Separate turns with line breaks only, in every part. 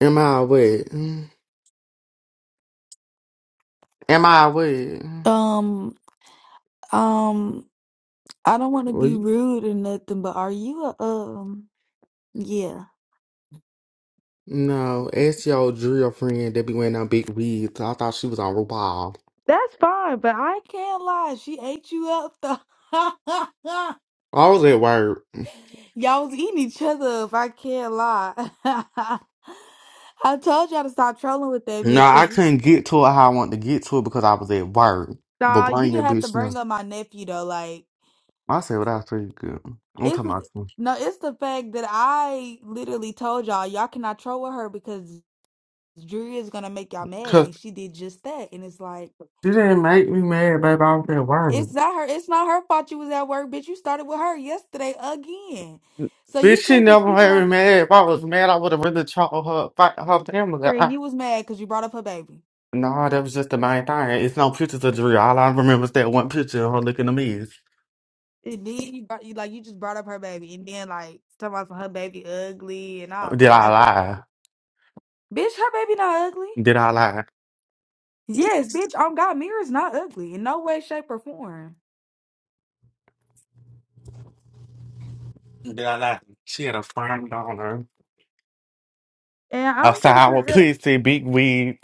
Am I what? Mm. Am I what? Mm.
Um, um, I don't want to
Well,
be
you-
rude or nothing, but are you a um? Yeah,
No, ask your drill friend that be wearing them big wigs. I thought she was on RuPaul.
that's fine, but I can't lie. She ate you up though.
I was at work.
Y'all was eating each other up. I can't lie. I told y'all to stop trolling with that
No,
bitch. Cause
I
you-
couldn't get to it how I wanted to get to it because I was at work. But
nah, you
bring your
didn't have to
bitch now.
bring up my nephew though. Like
I said, well, that's pretty good. I'm
it's
talking
just-
about you.
no, it's the fact that I literally told y'all y'all cannot troll with her because Drew is gonna make y'all mad,
Cause
and she did just that. And it's like.
she didn't make me mad, baby. I was at work.
It's not her. It's not her fault you was at work, bitch. You started with her yesterday again, so you
Bitch, she
can't be
never
speaking
made
on
me mad. If I was mad, I would have really told her, fight her family.
her. And you was mad because you brought up her baby,
No, that was just the main thing. It's no pictures of Drea. All I remember is that one picture of her looking a mess.
and then you, brought, you like you just brought up her baby, and then like talking about her baby ugly and all
Did I
type of
lie?
bitch. Her baby not ugly.
Did I lie?
Yes, bitch. On God, Mira's not ugly in no way, shape, or form.
Did I lie? She had a frown on her,
And
a
I'm trying to
sour
figure. out.
pussy, big wig,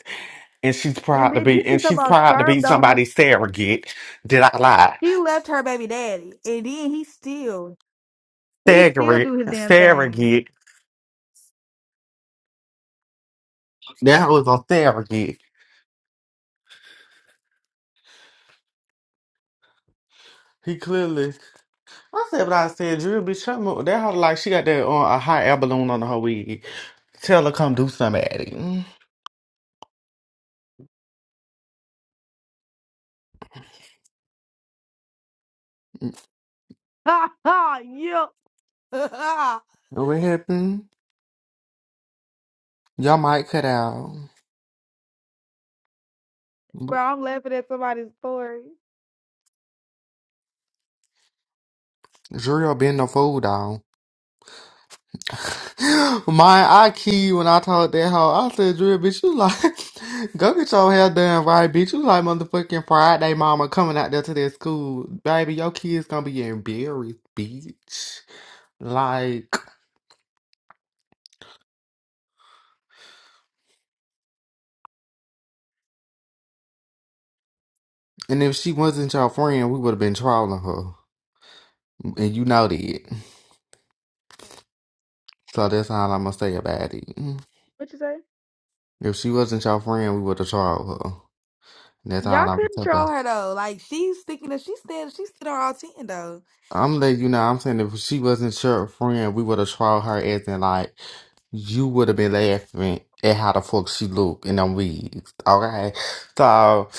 and she's
And
proud to
bitch,
be
you
and
keep talking
she's
about
proud to be
sperm donor.
somebody's surrogate. Did I lie?
He left her baby daddy, and then he still he still
Surrogate,
do his damn thing.
surrogate. That was a surrogate. He clearly. I said what I said. Drew bitch, shut mo- that hoe like she got that on a hot air balloon on her wig. Tell her come do somebody.
Ha ha! Bro,
What happened? Y'all might cut out.
I'm laughing at somebody's story.
Drill been the fool dog. My, I key you when I told that hoe. I said, Drill, bitch, you like, go get your hair done right, bitch. You like motherfucking Friday mama coming out there to their school. Baby, your kids gonna be embarrassed, bitch. Like, and if she wasn't your friend, we would have been trolling her. And you know that. So that's all I'm gonna say about it.
What you say?
If she wasn't your friend, we would have trolled her. That's all
Y'all
I'm gonna
couldn't
say. about
troll her though. Like she's sticking to she stand she stood on all ten though.
I'm letting you know. I'm saying if she wasn't your friend, we would have tried her as in like you would have been laughing at how the fuck she look in them wigs. Okay, so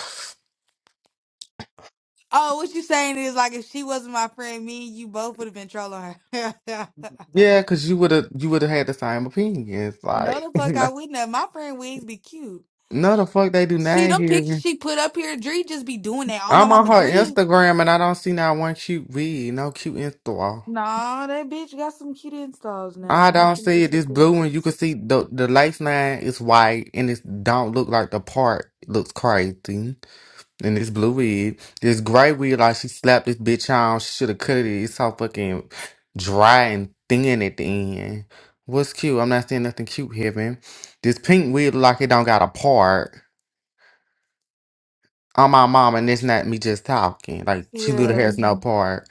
Oh, what you saying is like if she wasn't my friend, me and you both would have been trolling her.
yeah, cause you would have you would have had the same opinions.
no
Like
the fuck I wouldn't have. My friend Wigs be cute.
no, the fuck they do
See
not
them pictures
here.
she put up here, Dree just be doing that. Oh my
I'm on
mama
her
Dree.
Instagram and I don't see not one cute wig, no cute Insta.
Nah, that bitch got some cute installs now.
I
I don't
don't
think
see
it's
it.
so
It's blue and you can
dangerous.
see the the lace line is white and it don't look like the part looks crazy. And this blue weed, this gray weed, like she slapped this bitch on. She should have cut it. It's so fucking dry and thin at the end. What's cute? I'm not saying nothing cute, heaven. This pink weed, look like it don't got a part. I'm my mom, and it's not me just talking. Like she literally
Yeah,
has no part.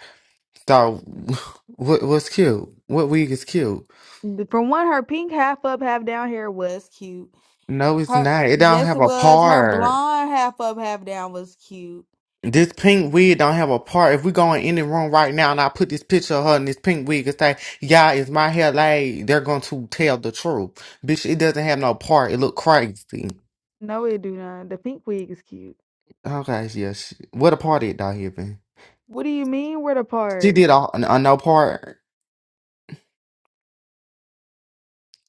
So, what what's cute? What wig is cute?
the- from one, her pink half up, half down hair was cute.
No, it's
Her,
not. It don't
yes,
have
it
a
was. Her
part.
blonde half up, half down was cute.
This pink wig don't have a part. If we go in any room right now and I put this picture of her in this pink wig and say, "Yeah, it's my hair laid," they're going to tell the truth, bitch. It doesn't have no part. It look crazy.
No, it do not. The pink wig is cute.
Okay, yes. What a part it down here, man.
What do you mean? Where the
She
part?
did a, a no part.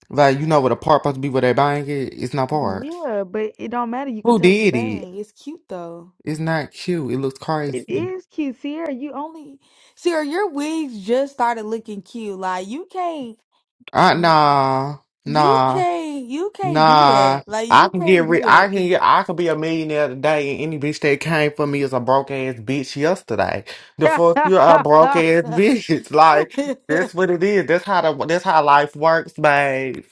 Like you know what a part supposed to be where they buying it. It's no part.
Yeah, but it don't matter. You could
Who
tell it's a
did it?
bang. It's cute though.
It's not cute. It looks
It
crazy.
is cute, Sierra. You only Sierra, your wigs just started looking cute. Like you can't.
Uh nah,
You
nah.
can't you can't do
Nah,
that. Like
I
you
can get
can't
rid. I
do it.
can get. I could be a millionaire today, and any bitch that came for me is a broke ass bitch yesterday. The fuck, you're a broke ass bitch. Like that's what it is. That's how the. That's how life works, babe.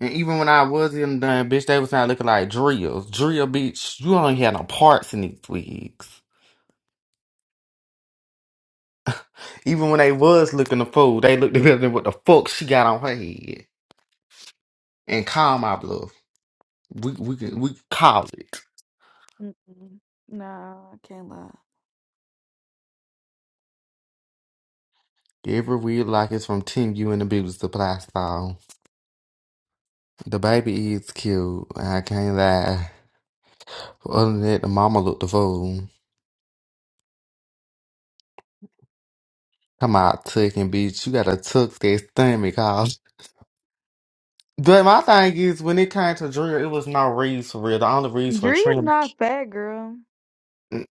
And even when I was in the bitch, they was not looking like drills. Drill, bitch, you only had no parts in these wigs. Even when they was looking the fool, they looked at me what the fuck she got on her head and call my bluff. We we can we can call it.
Mm-mm. Nah, I can't lie.
Every a like it's from Team You and the Abuse the Playstyle. The baby is cute. I can't lie. Other than that, the mama looked the fool. Come out tucking, bitch. You gotta tuck that stomach out. But my thing is, when it came to Drew, it was no reason for real. The only reason for
Dree is
Trina,
not fat, girl.
Mm,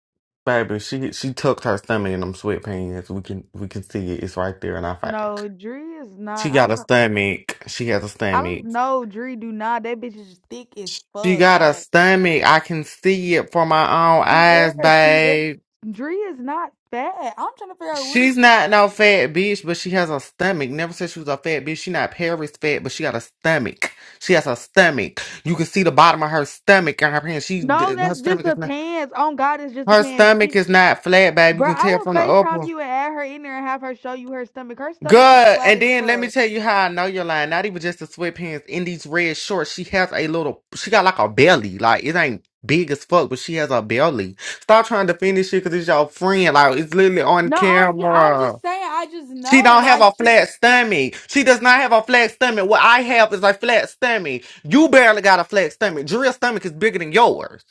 baby, she she tucked her stomach in them sweatpants. We can we can see it. It's right there in our face.
No, Dree is not.
She
I
got
don't
a
know.
stomach. She has a
I don't
stomach.
know. Dree do not. That bitch is thick as
She
fuck.
got a
Like
stomach. I can see it for my own
She
eyes,
air, she air.
babe.
Dree is not fat. I'm trying to figure out what. It,
She's not no fat bitch, but she has a stomach. Never said she was a fat bitch. She not Paris fat, but she got a stomach. She has a stomach. You can see the bottom of her stomach in her pants. She
no,
her
that's just
stomach
the
is not
pants. Oh God, it's just the
her
pants.
stomach is not flat, babe. You
Bro,
can
I
tell
would
from the
FaceTime
upper.
you and add her in there and have her show you her stomach. Her stomach is
Good.
flat
And
as
then let me
fuck.
tell you how I know you're lying. Not even just the sweatpants. In these red shorts, she has a little. She got like a belly. Like it ain't big as fuck, but she has a belly. Stop trying to finish it because it's your friend. Like it's literally on
No, I'm I'm
camera.
just saying. I just
She
know,
don't have
like
a
she.
flat stomach. She does not have a flat stomach. What I have is a flat stomach. You barely got a flat stomach. Drill's stomach is bigger than yours.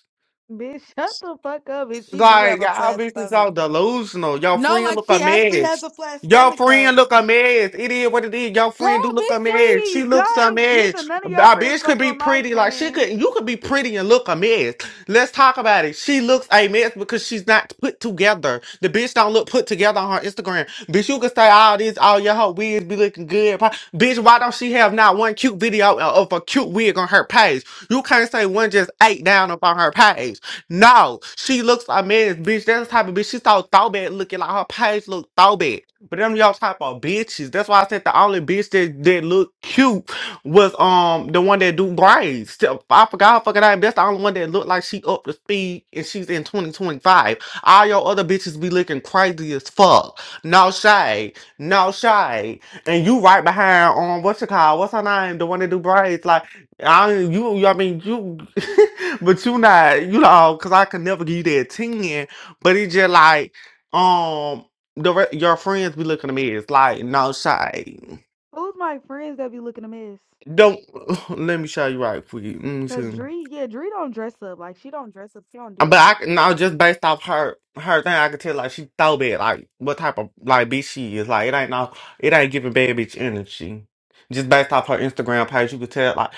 Bitch, shut the fuck up. And she do
Like
have a
y'all
flat
bitches
stomach.
all delusional. Y'all
No,
friend
like
look a
she actually has
mess.
a flat
Y'all
stomach though.
friend look a mess. It is what it is. Y'all
Girl,
friend do look a
bitch,
mess. She
Please, y'all
looks a
ain't neither
mess.
none
Our
of your friends
bitch could
fucking
be
with my
pretty. Like she
friend.
could you could be pretty and look a mess. Let's talk about it. She looks a mess because she's not put together. The bitch don't look put together on her Instagram. Bitch, you could say all this, all your whole wigs be looking good. Pa- Bitch, why don't she have not one cute video of a cute wig on her page? You can't say one just eight down up on her page. No, she looks like a mess, bitch. That's the type of bitch. She so throwback looking like her page look throwback. But them y'all type of bitches. That's why I said the only bitch that, that looked cute was um the one that do braids. Still, I forgot her fucking name. That's the only one that looked like she up to speed and she's in 2025. All your other bitches be looking crazy as fuck. No shade. No shade. And you right behind um what's your call? What's her name? The one that do braids. Like I you you- I mean you but you not you know because I could never give you that ten but it's just like um the re- your friends be looking at me it's like no shade.
Who's my friends that be looking a mess?
don't let me show you right quick let me
Cause
see
Dree, yeah, Dree don't dress up. Like she don't dress up. She don't do
but
all that.
I c- no just based off her her thing I could tell like she thought bad like what type of like bitch she is like it ain't no it ain't giving bad bitch energy just based off her Instagram page you could tell like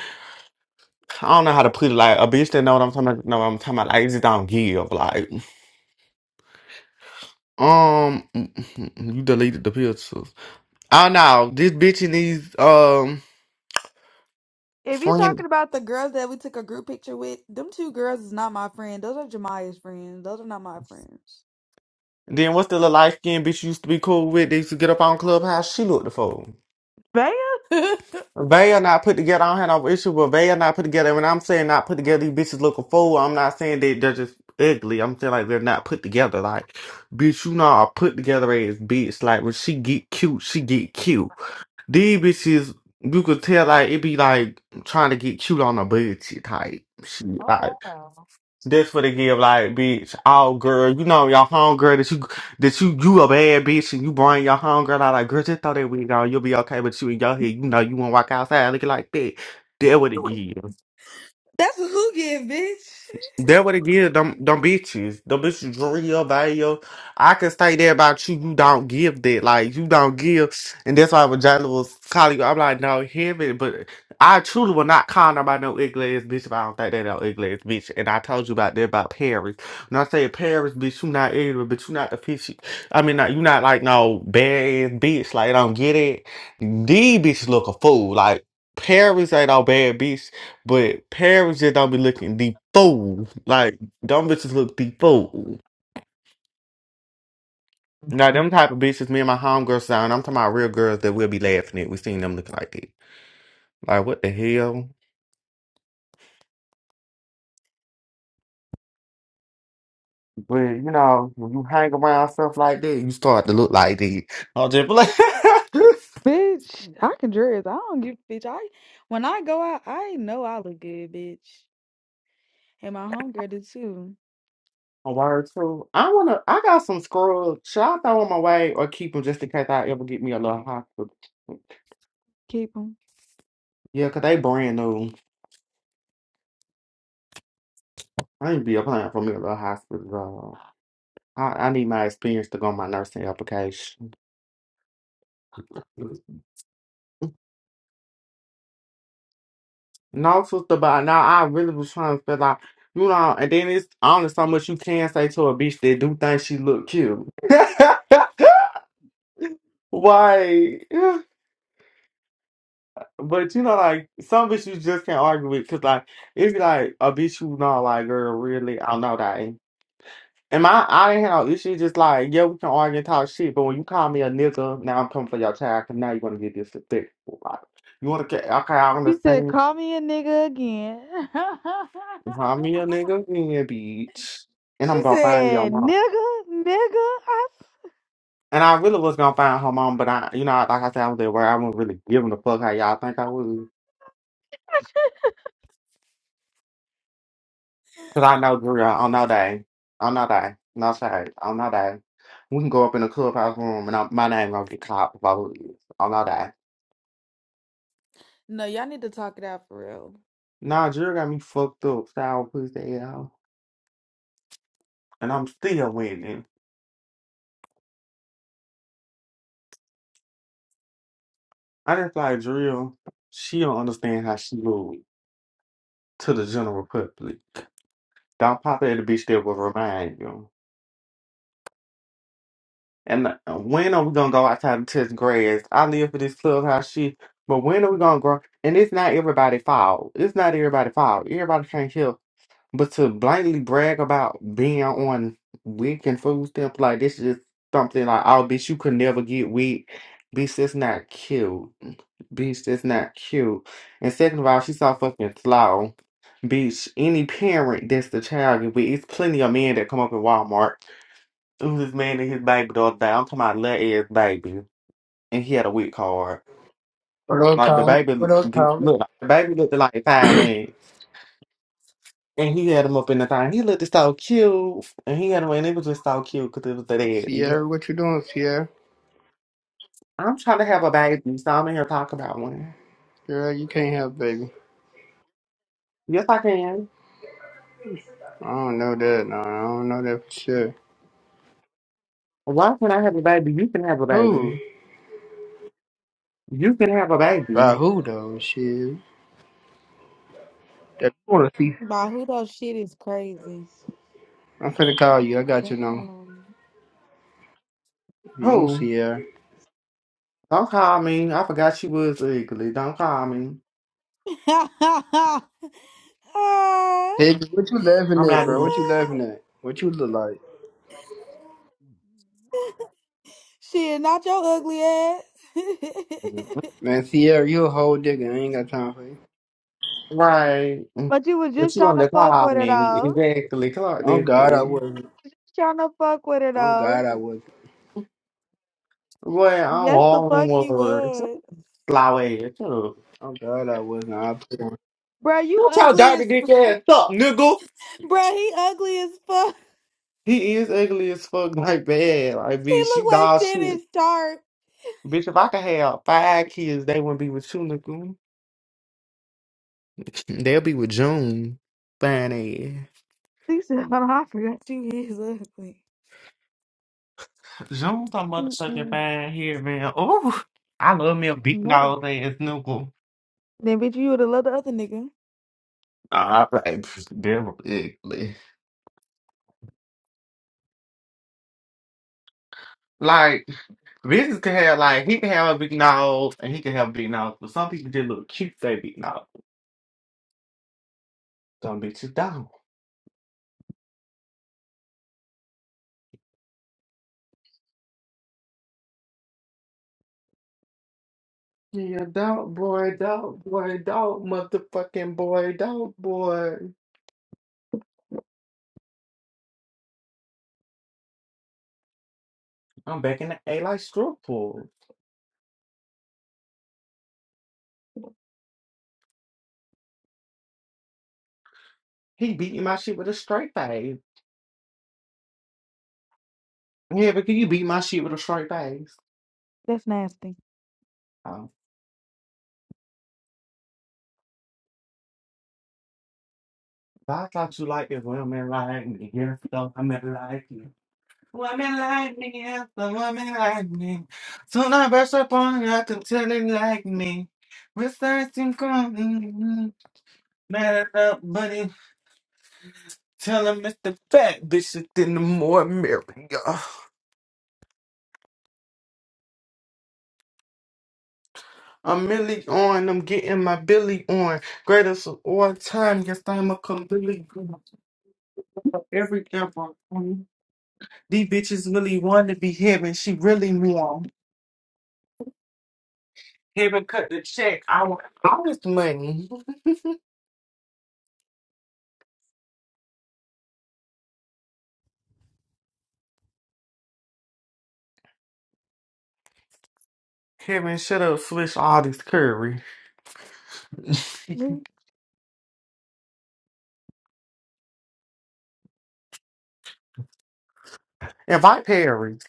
I don't know how to put it. Like a bitch that know what I'm talking about, know what I'm talking about. Like it just don't give. Like Um, you deleted the pictures. Oh no, this bitch and these um
If you
friend.
talking about the girls that we took a group picture with, them two girls is not my friend. Those are Jemiah's friends. Those are not my friends.
Then what's the little light skinned bitch you used to be cool with? They used to get up on Clubhouse. She looked the fool.
Bam. That's
They are not put together. I don't have no issue, but they are not put together. When I'm saying not put together, these bitches look a fool. I'm not saying they, they're just ugly. I'm saying like they're not put together. Like, bitch, you know, a put together ass bitch. Like when she get cute, she get cute. These bitches, you could tell like it be like trying to get cute on a budget type shit.
Oh
Like
wow.
that's what they give like bitch. Oh girl, you know your homegirl that you that you you a bad bitch and you bring your homegirl out like girl just throw that wig on, you'll be okay. But you in your head, you know you won't walk outside looking like that. That what it give.
That's what who give, bitch.
That what it give them them bitches. Them bitches dream your value. I can say that about you. You don't give that. Like you don't give. And that's why when Jalen was calling you, I'm like, no, him and- but I truly will not call nobody no ugly ass bitch if I don't think they no ugly ass bitch. And I told you about that about Paris. When I say Paris, bitch, you not ugly, but you not the fishy. I mean, not, you not like no bad ass bitch. Like I don't get it. These bitches look a fool. Like Paris ain't no bad bitch. But parents just don't be looking the fool. Like, them bitches look the fool. Now, them type of bitches, me and my homegirls down, I'm talking about real girls that we'll be laughing at. We seen them looking like that. Like, what the hell? But, you know, when you hang around stuff like that, you start to look like that. I'll just be like,
Bitch, I can dress. I don't give a bitch. I when I go out, I know I look good, bitch. And my homegirl did too.
a word too. I wanna, I got some scrubs. Should I throw them away or keep them just in case I ever get me a little hospital?
Keep 'em.
Yeah, 'cause they brand new. I ain't be applying for me a little hospital job. I, I need my experience to go on my nursing application. No, sister, but now I really was trying to fill out, you know, and then it's only so much you can say to a bitch that do think she look cute. Why? But you know, like some bitch you just can't argue with, cause like it's like a bitch you know, like girl, really, I know that. ain't- And my I didn't have no issue. Just like yeah, we can argue and talk shit, but when you call me a nigga, now I'm coming for your child, cause now you want to get disrespectful. Like you want to get okay, I
She said,
understand.
"Call me a nigga again."
Find me a nigga in bitch. And
she
I'm gonna find your
said,
mom.
"Nigga, nigga." I...
And I really was gonna find her mom, but I, you know, like I said, I was at work. I wasn't really giving a fuck how y'all think I would. Cause I know girl on no day, on no day, no shade, on no day. We can go up in the clubhouse room and I, my name gonna get called if I would. On no day.
No, y'all need to talk it out for real.
Nah, Drill got me fucked up, sour pussy out. And I'm still winning. I just like Drill. She don't understand how she moved to the general public. Don't pop at the bitch that will remind you. And uh, when are we gonna go outside and touch grass? I live for this clubhouse shit. But when are we gonna grow? And it's not everybody fault. It's not everybody fault. Everybody can't help. But to blindly brag about being on WIC and food stamps like this is something like, oh, bitch, you could never get WIC. Bitch, that's not cute. Bitch, that's not cute. And second of all, she's so fucking slow. Bitch, any parent that's the child, you with, it's plenty of men that come up at Walmart. Who's this man and his baby the other day. I'm talking about little ass baby, and he had a weak card.
What up,
Like the
Colin?
baby
What up,
g-
Colin?
look, the baby looked like five months, and he had him up in the thing. He looked so cute, and he had him, and it was just so cute because it was the daddy.
Sierra, what you doing, Sierra?
I'm trying to have a baby, so I'm in here talking about one.
Girl, you can't have baby.
Yes, I can.
I don't know that, no. I don't know that for sure.
Why can't I have a baby? You can have a
Who?
baby. You can have a
By
baby.
who, though? Shit. That you wanna see.
Bahudo shit is crazy.
I'm finna call you. I got your number.
Damn.
You,
Who?
Sierra.
Don't call me. I forgot she was ugly. Don't call me.
Ah.
Baby, what you laughing
I'm
at,
not
bro? What you laughing at? What you look like?
shit, not your ugly ass.
even.
Man, Sierra, you a whole digger. I ain't got time for you.
Right. Mm.
but you was
But
just
you
trying
on
to
the
fuck
call
with her
me.
though.
Exactly. Clark
Oh,
this
God, I
thing.
wasn't.
Trying to fuck with her
Oh,
though.
God, I wasn't.
Boy, I'm
Yes, the
all in
fuck you
one.
would.
Slow ass. Shut up.
Oh, God, I wasn't. I put on.
Bruh, you
Don't tell
ugly
Dr.
as
Dick ass up, nigga.
Bruh, he ugly as fuck.
He is ugly as fuck, like bad. Like,
He
bitch,
look
you
like
dog shit.
Shannon Sharp.
Bitch, if I could have five kids, they wouldn't be with you, nigga. They'll be with June. Fine
He said, "Hold on, I forgot you is ugly.
ass. June's a motherfucking
Mm-mm.
fine here, man. Ooh. I love me a big
No.
nose ass nigga.
Then bitch, you would have loved the other nigga.
Ah, like, they're ugly. Like Business can have like he can have a big nose and he can have a big nose, but some people just look cute. They big nose. Some bitches don't. Yeah, dog boy, dog boy, dog motherfucking boy, dog boy. I'm back in the A like straw pool. He beating my shit with a straight face. Yeah, but can you beat my shit with a straight face?
That's nasty.
Um, but I thought you liked it women like me. Yeah, so I'm not like you. Woman like me, yes, a woman like me. Soon I burst upon you, I can tell it like me. Mr. Simcon, mad up, buddy. Tell him it's the fat bitch that in the more merrier. I'm really on, I'm getting my Billy on. Greatest of all time, yes, I'm a completely every ever. These bitches really want to be heaven, she really want. Heaven cut the check, I want honest money. Kevin, shut up, switch all this curry.
Who?
Invite Paris.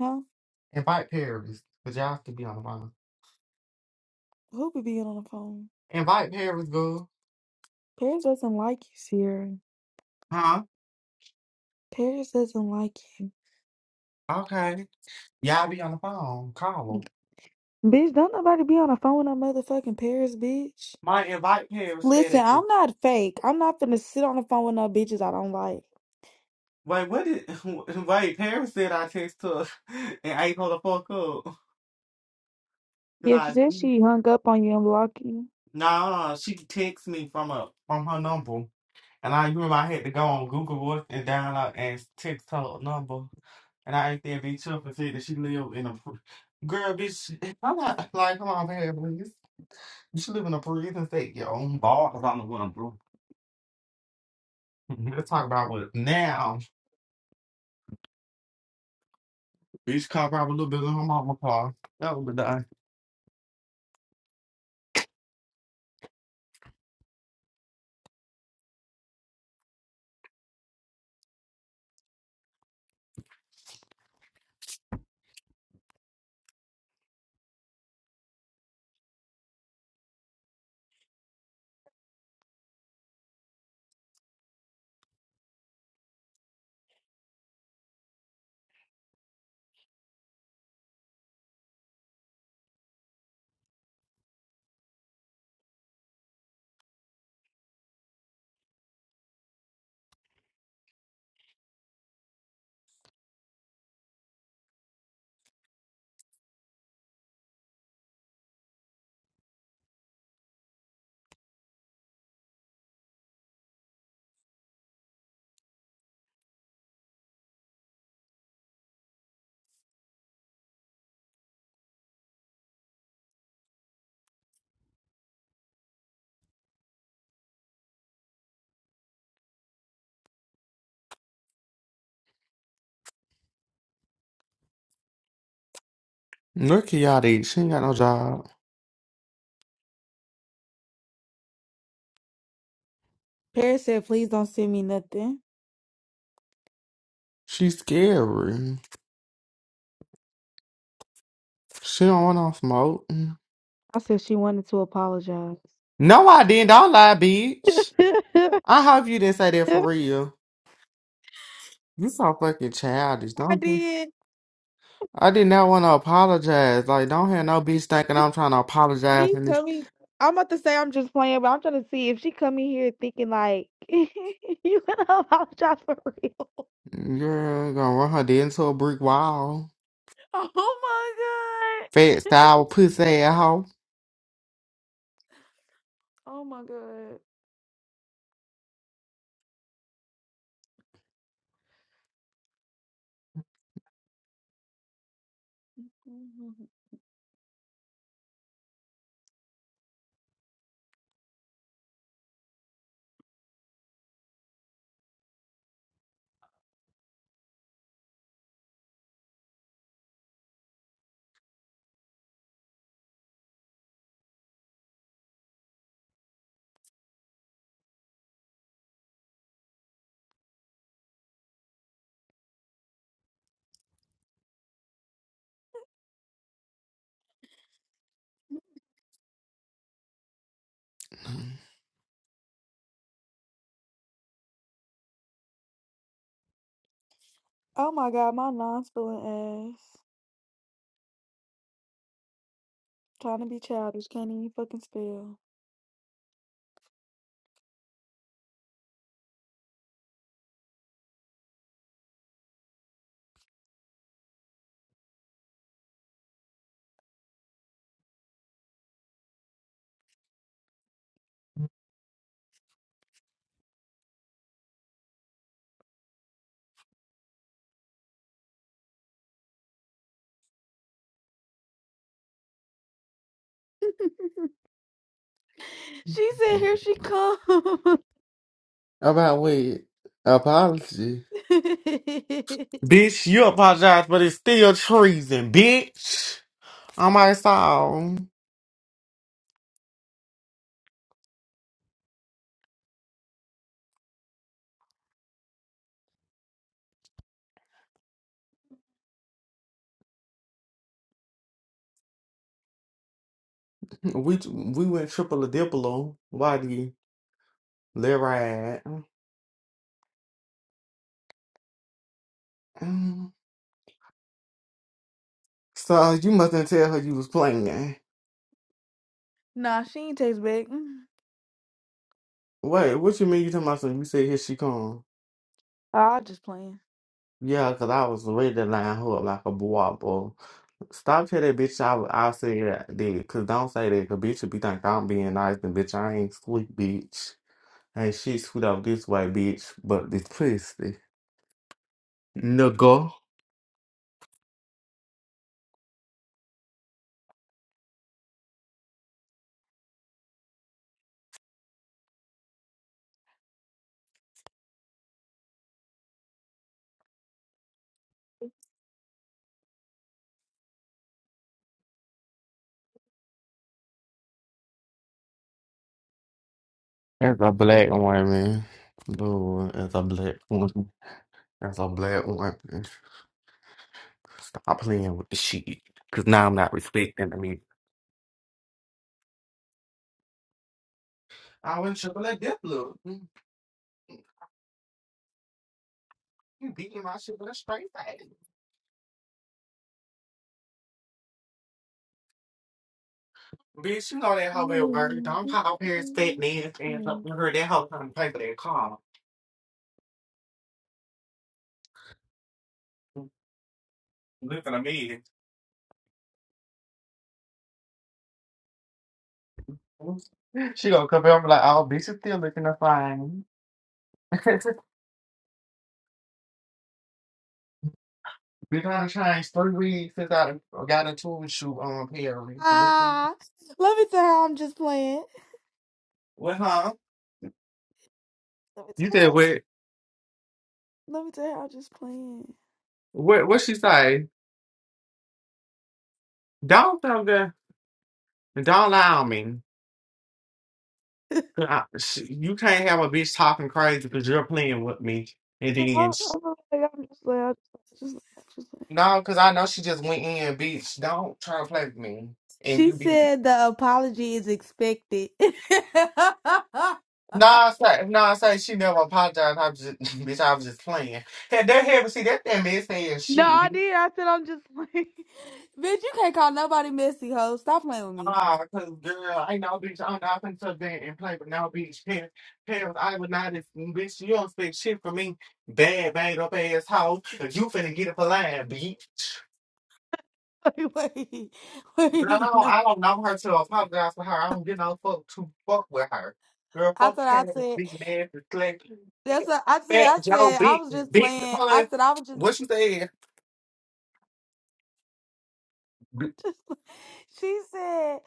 Huh?
Invite Paris. Cause y'all to be on the phone.
Who be being on the phone?
Invite Paris, girl.
Paris doesn't like you, Sierra.
Huh?
Paris doesn't like you.
Okay. Y'all be on the phone. Call him.
Bitch, don't nobody be on the phone with no motherfucking Paris, bitch.
Might invite Paris
Listen,
FedEx.
I'm not fake. I'm not finna sit on the phone with no bitches I don't like.
Wait, what did wait, Paris said I text her and I told her fuck up. Cause
Yeah, she
I
said she hung up on you and blocked you.
no, no, she text me from a from her number. And I remember I had to go on Google Voice and download and text her number. And I asked that bitch up and said that she lived in a pr- girl, bitch. I'm not like, come on, man, please. You should live in a prison state, your own bars on the window, bro. Let's talk about what now. Bitch car probably a little bit in her mama car. That would be done. Look at y'all dude. She ain't got no job.
Paris said, please don't send me nothing.
She's scary. She don't want no smoke.
I said she wanted to apologize.
No, I didn't. Don't lie, bitch. I hope you didn't say that for
I
real. You so fucking childish, don't you?
did.
I did not want to apologize. Like, don't have no bitch thinking I'm trying to apologize
She
and this
coming. I'm about to say I'm just playing, but I'm trying to see if she come in here thinking like you gonna apologize for real.
girl gonna run her dead into a brick wall.
Oh my
Fat
god.
style pussy ass hoe.
Oh my god. Mhm. Oh my god, my non-spelling ass. Trying to be childish, can't even fucking spell. she said, "Here she comes."
About what? Apology. Bitch, you apologize, but it's still treason, bitch. On my soul. We we went triple a diplo. Why do you let ride? So you mustn't tell her you was playing.
nah, she ain't text back. Mm.
Wait, what you mean you talking about something? You said here she come.
Ah, I just playing.
Yeah, because I was ready to line her up like a bubble. Stop telling that bitch I, I said that. Because don't say that. Because bitch, if be think I'm being nice, and bitch, I ain't sweet, bitch. Ain't shit sweet out this way, bitch. But this pussy. Nigga. As a black woman. Lord, as a black woman. As a black woman. Stop playing with the shit. Because now I'm not respecting the meat. I went triple that dip, look. You beating my shit with a straight face. Bitch, you know that hoe at work. Don't pop up here and spit me up with her. That hoe trying to pay for that car. Looking at me. She gonna come up and be like, oh, bitch, you still looking to fine. Been on a change three weeks since I done got into a shoot on Perry. What,
Ah, let me tell you how I'm just playing.
what, huh?
Let me tell
You
you
said
how,
what?
let me tell you how I'm just playing.
What? What she say? Don't tell the Don't lie on me. I- she- You can't have a bitch talking crazy because you're playing with me. And
Yeah,
then
I'm, I'm, like, I'm just playing. I'm just, just, just playing.
No, because I know she just went in, bitch. Don't try to play with me. And
She
you be.
said the apology is expected. no,
No, I say, no, I say she never apologized. I was just, bitch, I was just playing. Had that happen, see, that damn bitch saying shit,
I
bitch.
did. I said I'm just playing. Bitch, you can't call nobody messy, ho. Stop playing with me.
Ah, cause girl, ain't no bitch. I'm not finna sit there and play with no bitch. Parents, parents, I would not, ex- bitch. You don't expect shit from me, bad, bad up ass hoe. You finna get it for lying, bitch.
Wait, wait, wait.
Girl,
No.
I don't know her to apologize for her. I don't get no fuck to fuck with her. Girl,
I
fuck
thought I
Taylor,
said
big man, reflect.
that's what I said.
Fat
I
Joe,
said I
big,
was just
big
playing. I
pun.
said I was just.
What you said? B-
She said.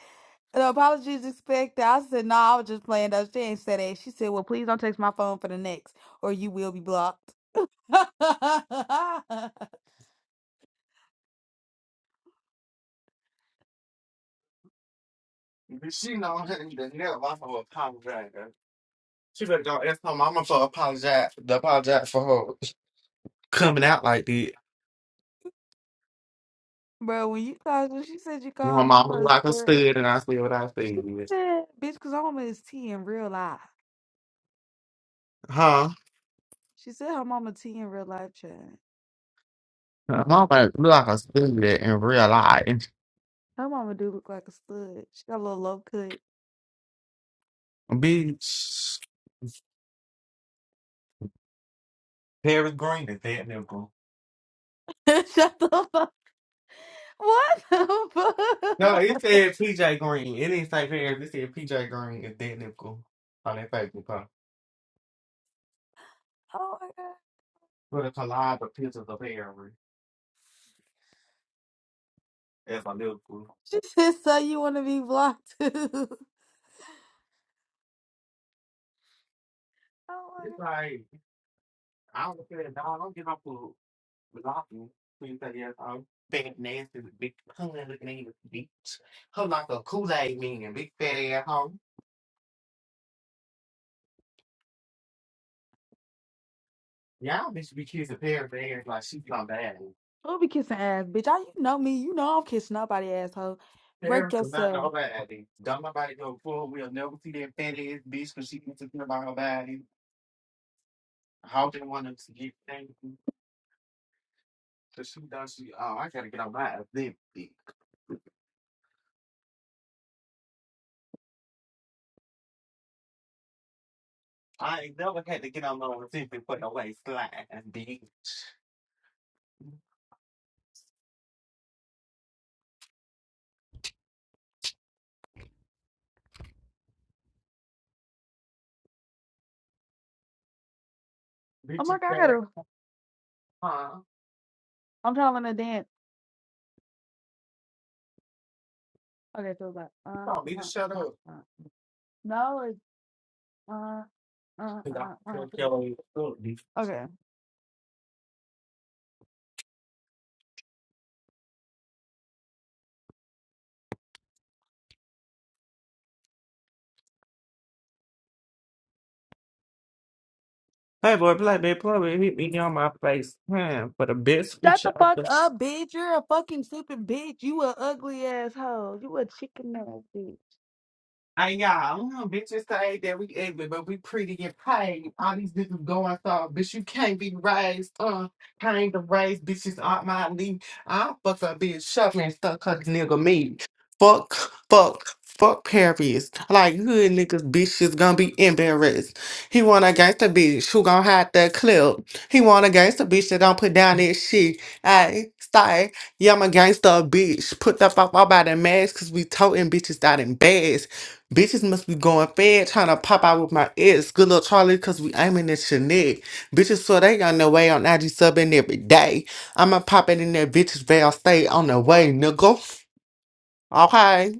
The apologies expected. I said, no, I was just playing though. She ain't said that. She said, well, please don't text my phone for the next, or you will be blocked.
She know her- the never i to apologize. girl. She better go ask her mama for apologize, to apologize for her coming out like that.
Bro, when you called, when she said you called
My
her
mama
mama a
look like a
slut,
stud, and I see what I
she
see.
said, bitch, because her mama is T in real life.
Huh?
She said her mama T in real life, child.
My mama look like a stud in real life.
Her mama do look like a stud. She got a little low cut.
Bitch, Paris Green is that nigga.
Shut the fuck. What the
No, it
fuck?
said PJ Green. It didn't say Harris. It said PJ Green is dead Liverpool on that Facebook post.
Oh my god.
With a collage of pictures of Harris as a Liverpool.
She said, so you want to be blocked too. Oh my god.
It's like, I don't care, dog. I don't give up for blocking. Please say yes, I'm fat, nasty, big, hungry looking at you, bitch. Her like a Kool-Aid man, and big fat ass hoe. Y'all bitch be kissing Paris ass like she's not bad.
Who be kissing ass, bitch? I you know me. You know I am kissing nobody asshole. Wreck
Paris was not
yourself.
nobody. Don't nobody go forward. We'll never see that fat ass bitch because she be talking about her body. how they want us to get things to shoot down. She, oh, I gotta get on my Olympic. I ain't never had to get on my Olympic for no way slide, bitch.
I'm
Bitches
like, I
got
gotta
huh?
I'm trying to learn to dance. Okay, so it's like uh
You don't need to
uh
shut
uh
up.
uh. No, it's uh uh
'cause I
uh uh.
don't care what
uh.
you do.
Okay.
Hey boy, black man, plumber hit me on my face, man, for the best
Shut
future.
the fuck up, bitch. You're a fucking stupid bitch. You a ugly asshole. You a chicken ass bitch.
And y'all, I don't know, bitches say that we ugly, but we pretty and paid. All these bitches going so, bitch, you can't be raised, uh, kind to raise bitches out my league. I fuck a bitch, shoving and stuck her nigga me. Fuck, fuck, fuck Paris. Like, good niggas, bitches gonna be embarrassed. He want a gangster bitch who gonna hide that clip. He want a gangster bitch that don't put down that shit. I stay. Yeah, I'm a gangster bitch. Put the fuck up out of mask, cause we toting bitches out in bags. Bitches must be going fed trying to pop out with my ex. Good little Charlie, cause we aiming at your neck. Bitches so they on their way on IG subbing every day. I'ma pop it in that bitch's veil, stay on the way, nigga. Okay.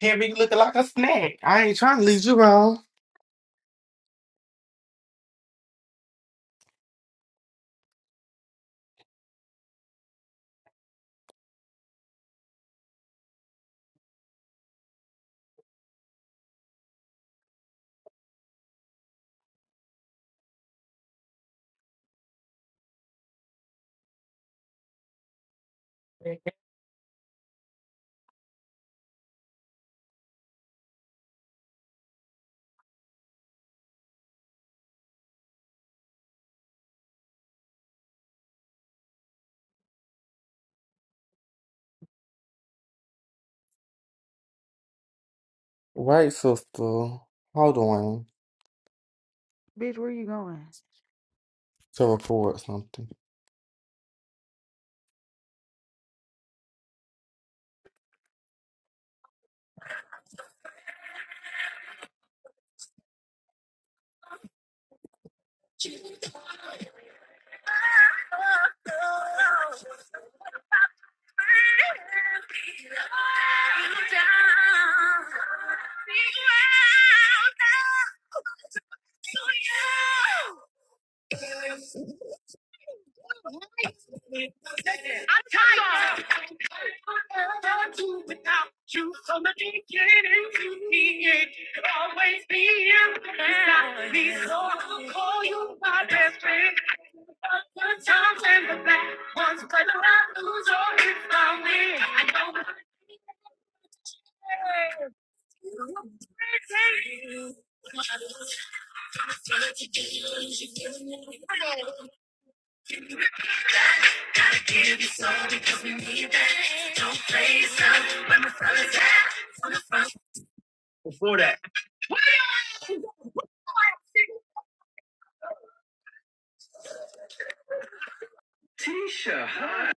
Here we looking like a snack. I ain't trying to lead you wrong. Wait, sister, hold on
Bitch, where you going?
to record something.
Thank you. I'm tired. can't do without you from the beginning to the end. You'll always be here beside me, so I'll call you my best friend. The good times and the bad ones, whether I lose or if I win, I know my Give me what you got, Gotta give you soul because we need that. Don't play yourself when my fellas out. Before that. Tisha, hi.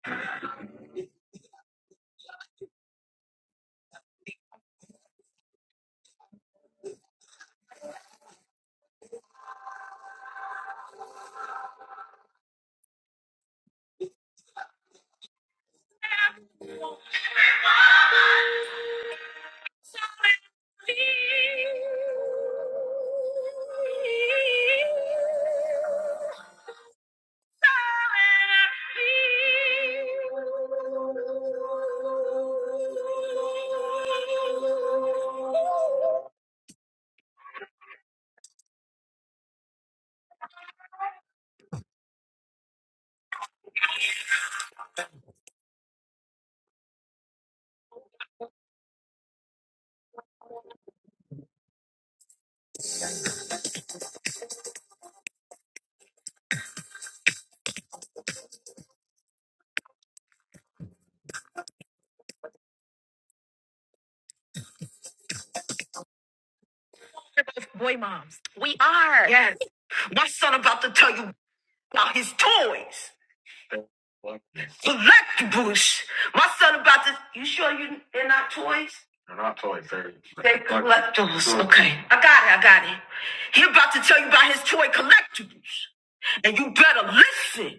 Boy moms. We are. Yes. My son about to tell you about his toys. Select Bush. My son about to you sure you they're not toys? They're not toys. They're, they're collectibles. Okay. I got it, I got it. He about to tell you about his toy collectibles. And you better listen.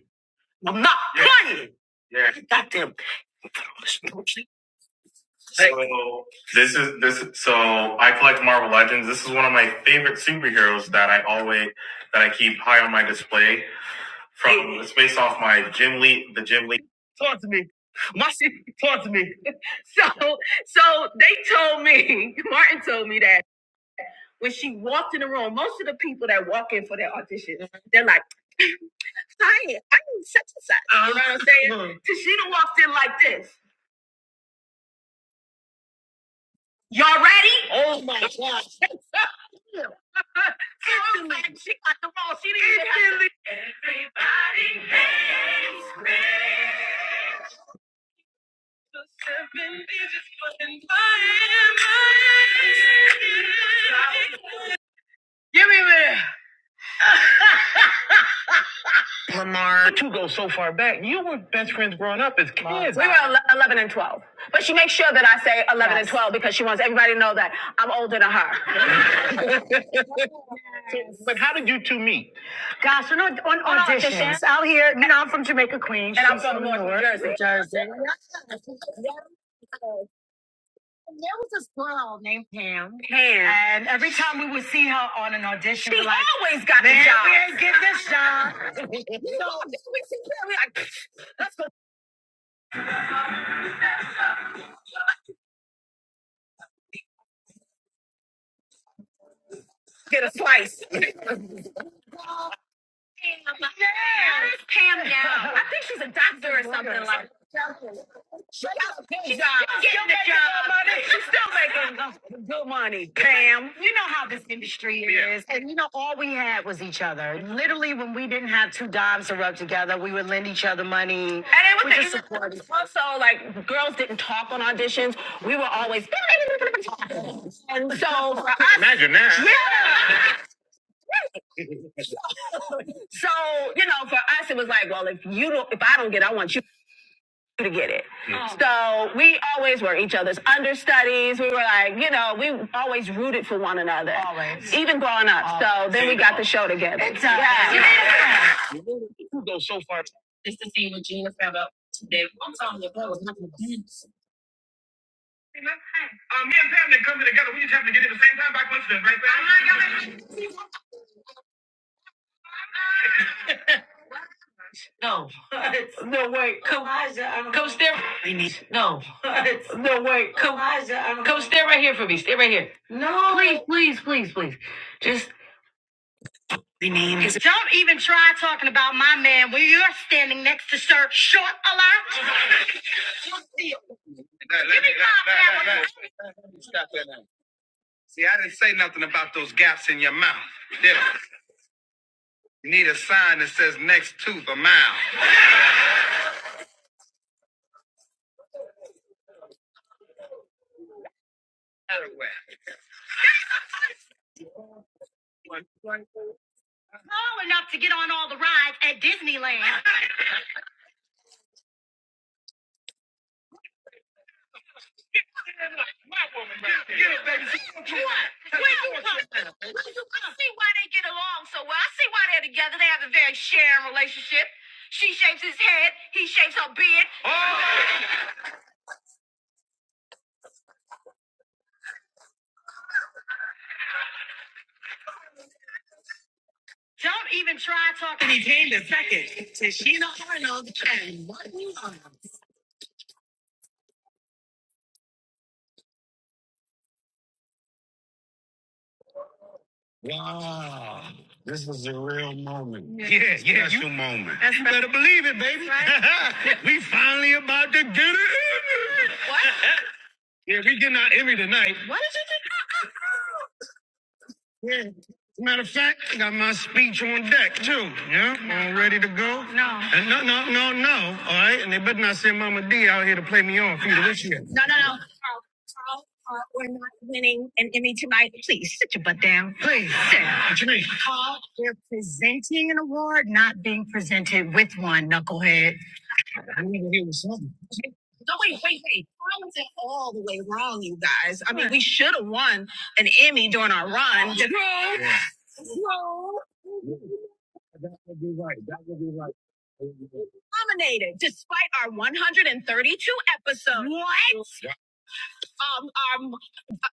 I'm not playing. Yeah. Goddamn. So this is this. So I collect Marvel Legends. This is one of my favorite superheroes that I always that I keep high on my display. From it's based off my Jim Lee, the Jim Lee. Talk to me. My sister talk to me. So so they told me Martin told me that when she walked in the room, most of the people that walk in for their audition, they're like. Hi, I'm such and such. You know what I'm saying? Mhm. Tashina walked in like this. Y'all ready? Oh my god. She was like, she got the ball. She didn't even have to- Everybody hates Chris. Seven digits, but in my- head. Give me a minute. Lamar. But you go so far back. You were best friends growing up as kids. We were 11 and 12. But she makes sure that I say 11 yes. and Yes. 12 because she wants everybody to know that I'm older than her. Yes. But how did you two meet? Gosh, on, on, on auditions. auditions out here. You know, I'm from Jamaica, Queens. And I'm She's from, from North New North Jersey. Yes. Yes. And there was this girl named Pam. Pam. And she, she was like, always got the job. we ain't get this job. You know, we see Pam, we I get a slice. So Yes. Pam now. I think she's a doctor or something like that. She got a pay She's job. She's Getting a job. good Money. She's still making good good money, Pam. You know how this industry Yeah. is. And you know, all we had was each other. Literally, when we didn't, and it was we the, just supported. Also, like, girls didn't talk on auditions. We were always, and so for us, imagine that. Yeah. So, you know, for us, it was like, well, if you don't, if I don't get, it, I want you. to get it. Oh. So we always were each other's understudies. We were like, you know, we always rooted for one another. Always. Even growing up. Always. So then we got the show together. It does. Yeah. Yeah. You go so far. It's the scene with Gina found out today. I'm telling you, that was not gonna dance. Hey, Uh, me and Pam didn't come together. We just happened to get in the same time by coincidence, right, Pam? No. What? No way. Come, Elijah, come stand. No. What? No way. Come, Elijah, come stand right here for me. Stay right here. No. Please, please, please, please. Just don't even try talking about my man when you're standing next to Sir Short a lot. Let me, Give me five let, let, hours let, let. like at Disneyland. What? Wait, I see why they get along so well. I see why they're together. They have a very sharing relationship. She shapes his head, he shapes her beard. Don't even try talking. He came to second. And she not part of the time. What you on? Yeah, yeah. Special you, moment. That's you better believe it, baby. Right? we finally about to get it. in. What? Yeah, we getting our Emmy tonight. What? Yeah. Matter of fact, I got my speech on deck too. Yeah, No. all ready to go. No. And no, no, no, no. All right, and they better not send Mama D out here to play me off either. What's she? at? No, no, no. Carl, Carl, uh, we're not winning an Emmy tonight. Please, please. Sit. What you mean? Carl, we're presenting an award, not being presented with one. Knucklehead. I need to hear something. No, wait, wait, wait. Carl was all the way wrong, you guys. I mean, we should have won an Emmy during our run. No, Yeah. True. That would be right. That would be right. Nominated despite our 132 episodes. What? Um, um,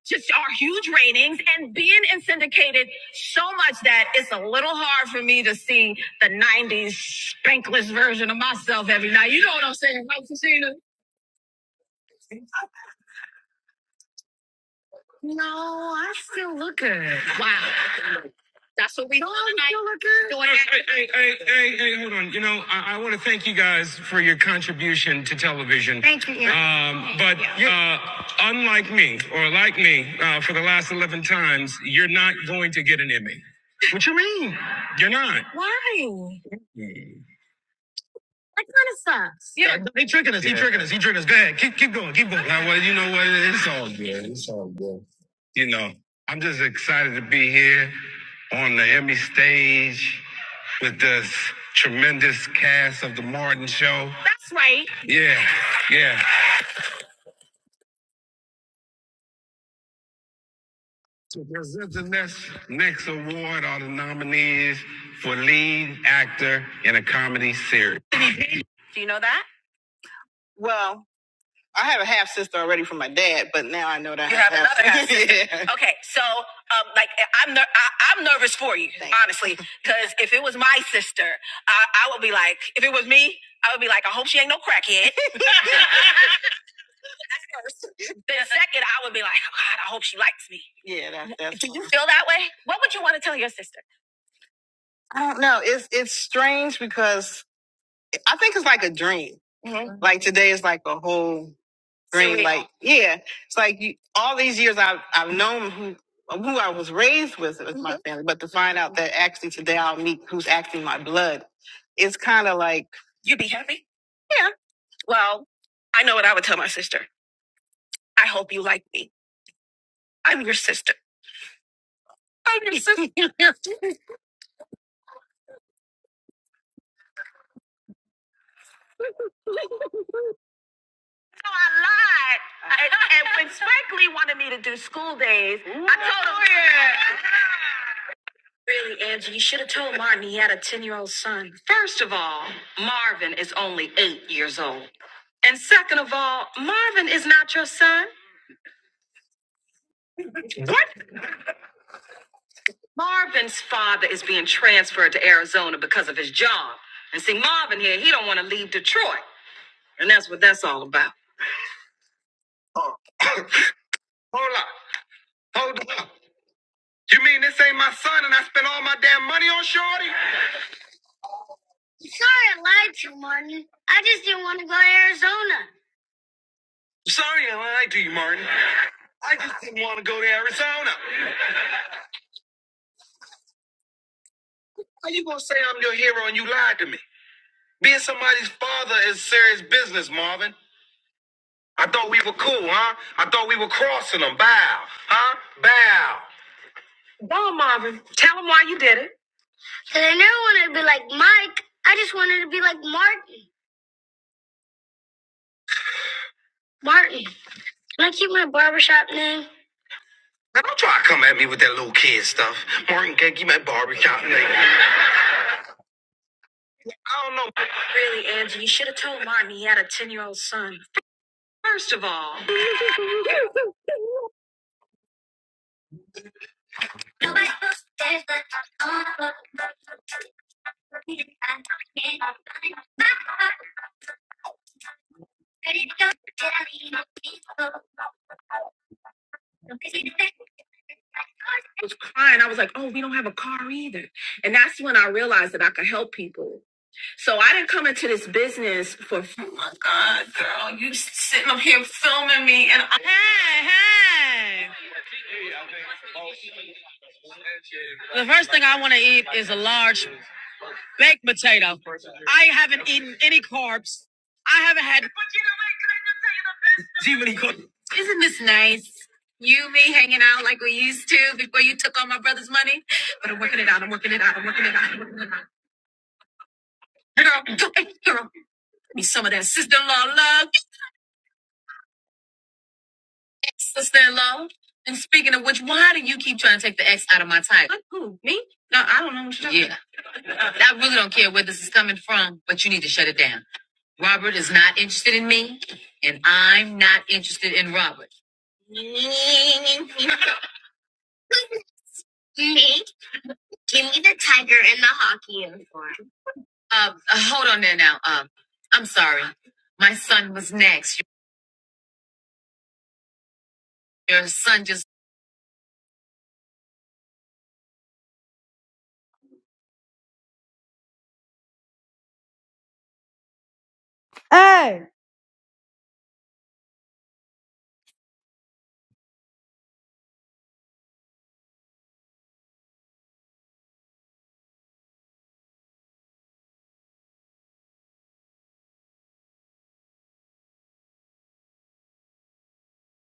just our huge ratings and being in syndicated so much that it's a little hard for me to see the 90s spankless version of myself every night. You know what I'm saying, right, Tashina? No, I still look good. Wow. That's what we doing do, Hey, hey, hey, hey, hey, hold on. You know, I, I want to thank you guys for your contribution to television. Thank you. Um, but uh, unlike me, or like me, uh, for the last 11 times, you're not going to get an Emmy. What you mean? You're not. Why? That kind of sucks. Yeah. He tricking us. He tricking us. Go ahead. Keep keep going. Keep going. Now, well, you know what? It's all good. It's all good. You know, I'm just excited to be here on the Emmy stage with this tremendous cast of the Martin Show. Yeah, yeah. To present the next next award are the nominees for lead actor in a comedy series. Do you know that? Well. I have a half sister already from my dad, but now I know that I You I have have another half sister. yeah. Okay, so um, like I'm ner- I- I'm nervous for you, Thanks. honestly, because if it was my sister, I-, I would be like, if it was me, I would be like, I hope she ain't no crackhead. then second, I would be like, oh, God, I hope she likes me. Yeah, that's that's Do you one. feel that way? What would you want to tell your sister? I don't know. It's it's strange because I think it's like a dream. hmm Like today is like a whole green like yeah it's like you, all these years i've i've known who who i was raised with with my Mhm. family but to find out that actually today i'll meet who's actually my blood it's kind of like you'd be happy well i know what i would tell my sister i hope you like me i'm your sister i'm your sister so i lied I, and when Spike Lee wanted me to do school days, I told him. Really, Angie, you should have told Martin he had a 10 year old son. First of all, Marvin is only eight years old. And second of all, Marvin is not your son. Marvin's father is being transferred to Arizona because of his job. And see, Marvin here, he don't want to leave Detroit. And that's what that's all about. Oh, hold up, hold up. You mean this ain't my son and I spent all my damn money on Shorty? Sorry I lied to you, Martin. I just didn't want to go to Arizona. Sorry I lied to you, Martin. I just didn't want to go to Arizona. How you gonna say I'm your hero and you lied to me? Being somebody's father is serious business, Marvin. I thought we were cool, huh? I thought, huh? Bow. Bow, Marvin. Tell him why you did it. Cause I never wanted to be like Mike. I just wanted to be like Martin. Martin. Can I keep my barbershop name? Now don't try to come at me with that little kid stuff. Martin can't keep my barbershop name. was crying. I was like, oh, we don't have a car either. And that's when I realized that I could help people. So I didn't come into this business for, oh my God, girl, you sitting up here filming me. And I, hey, hey. She really caught Isn't this nice? You, me hanging out like we used to before you took all my brother's money. But I'm working it out. I'm working it out. I'm working it out. I'm working it out. Girl, do it, girl. me some of that sister-in-law love, sister-in-law. And speaking of which, why do you keep trying to take the X out of my title? What, Who? Me? No, I don't know what you're talking Yeah. about. Yeah, I really don't care where this is coming from, but you need to shut it down. Robert is not interested in me, and I'm not interested in Robert. Nick, give me the tiger in the hockey uniform. Uh, uh, hold on there now. Um, uh, I'm sorry. My son was next. Your son just. Hey.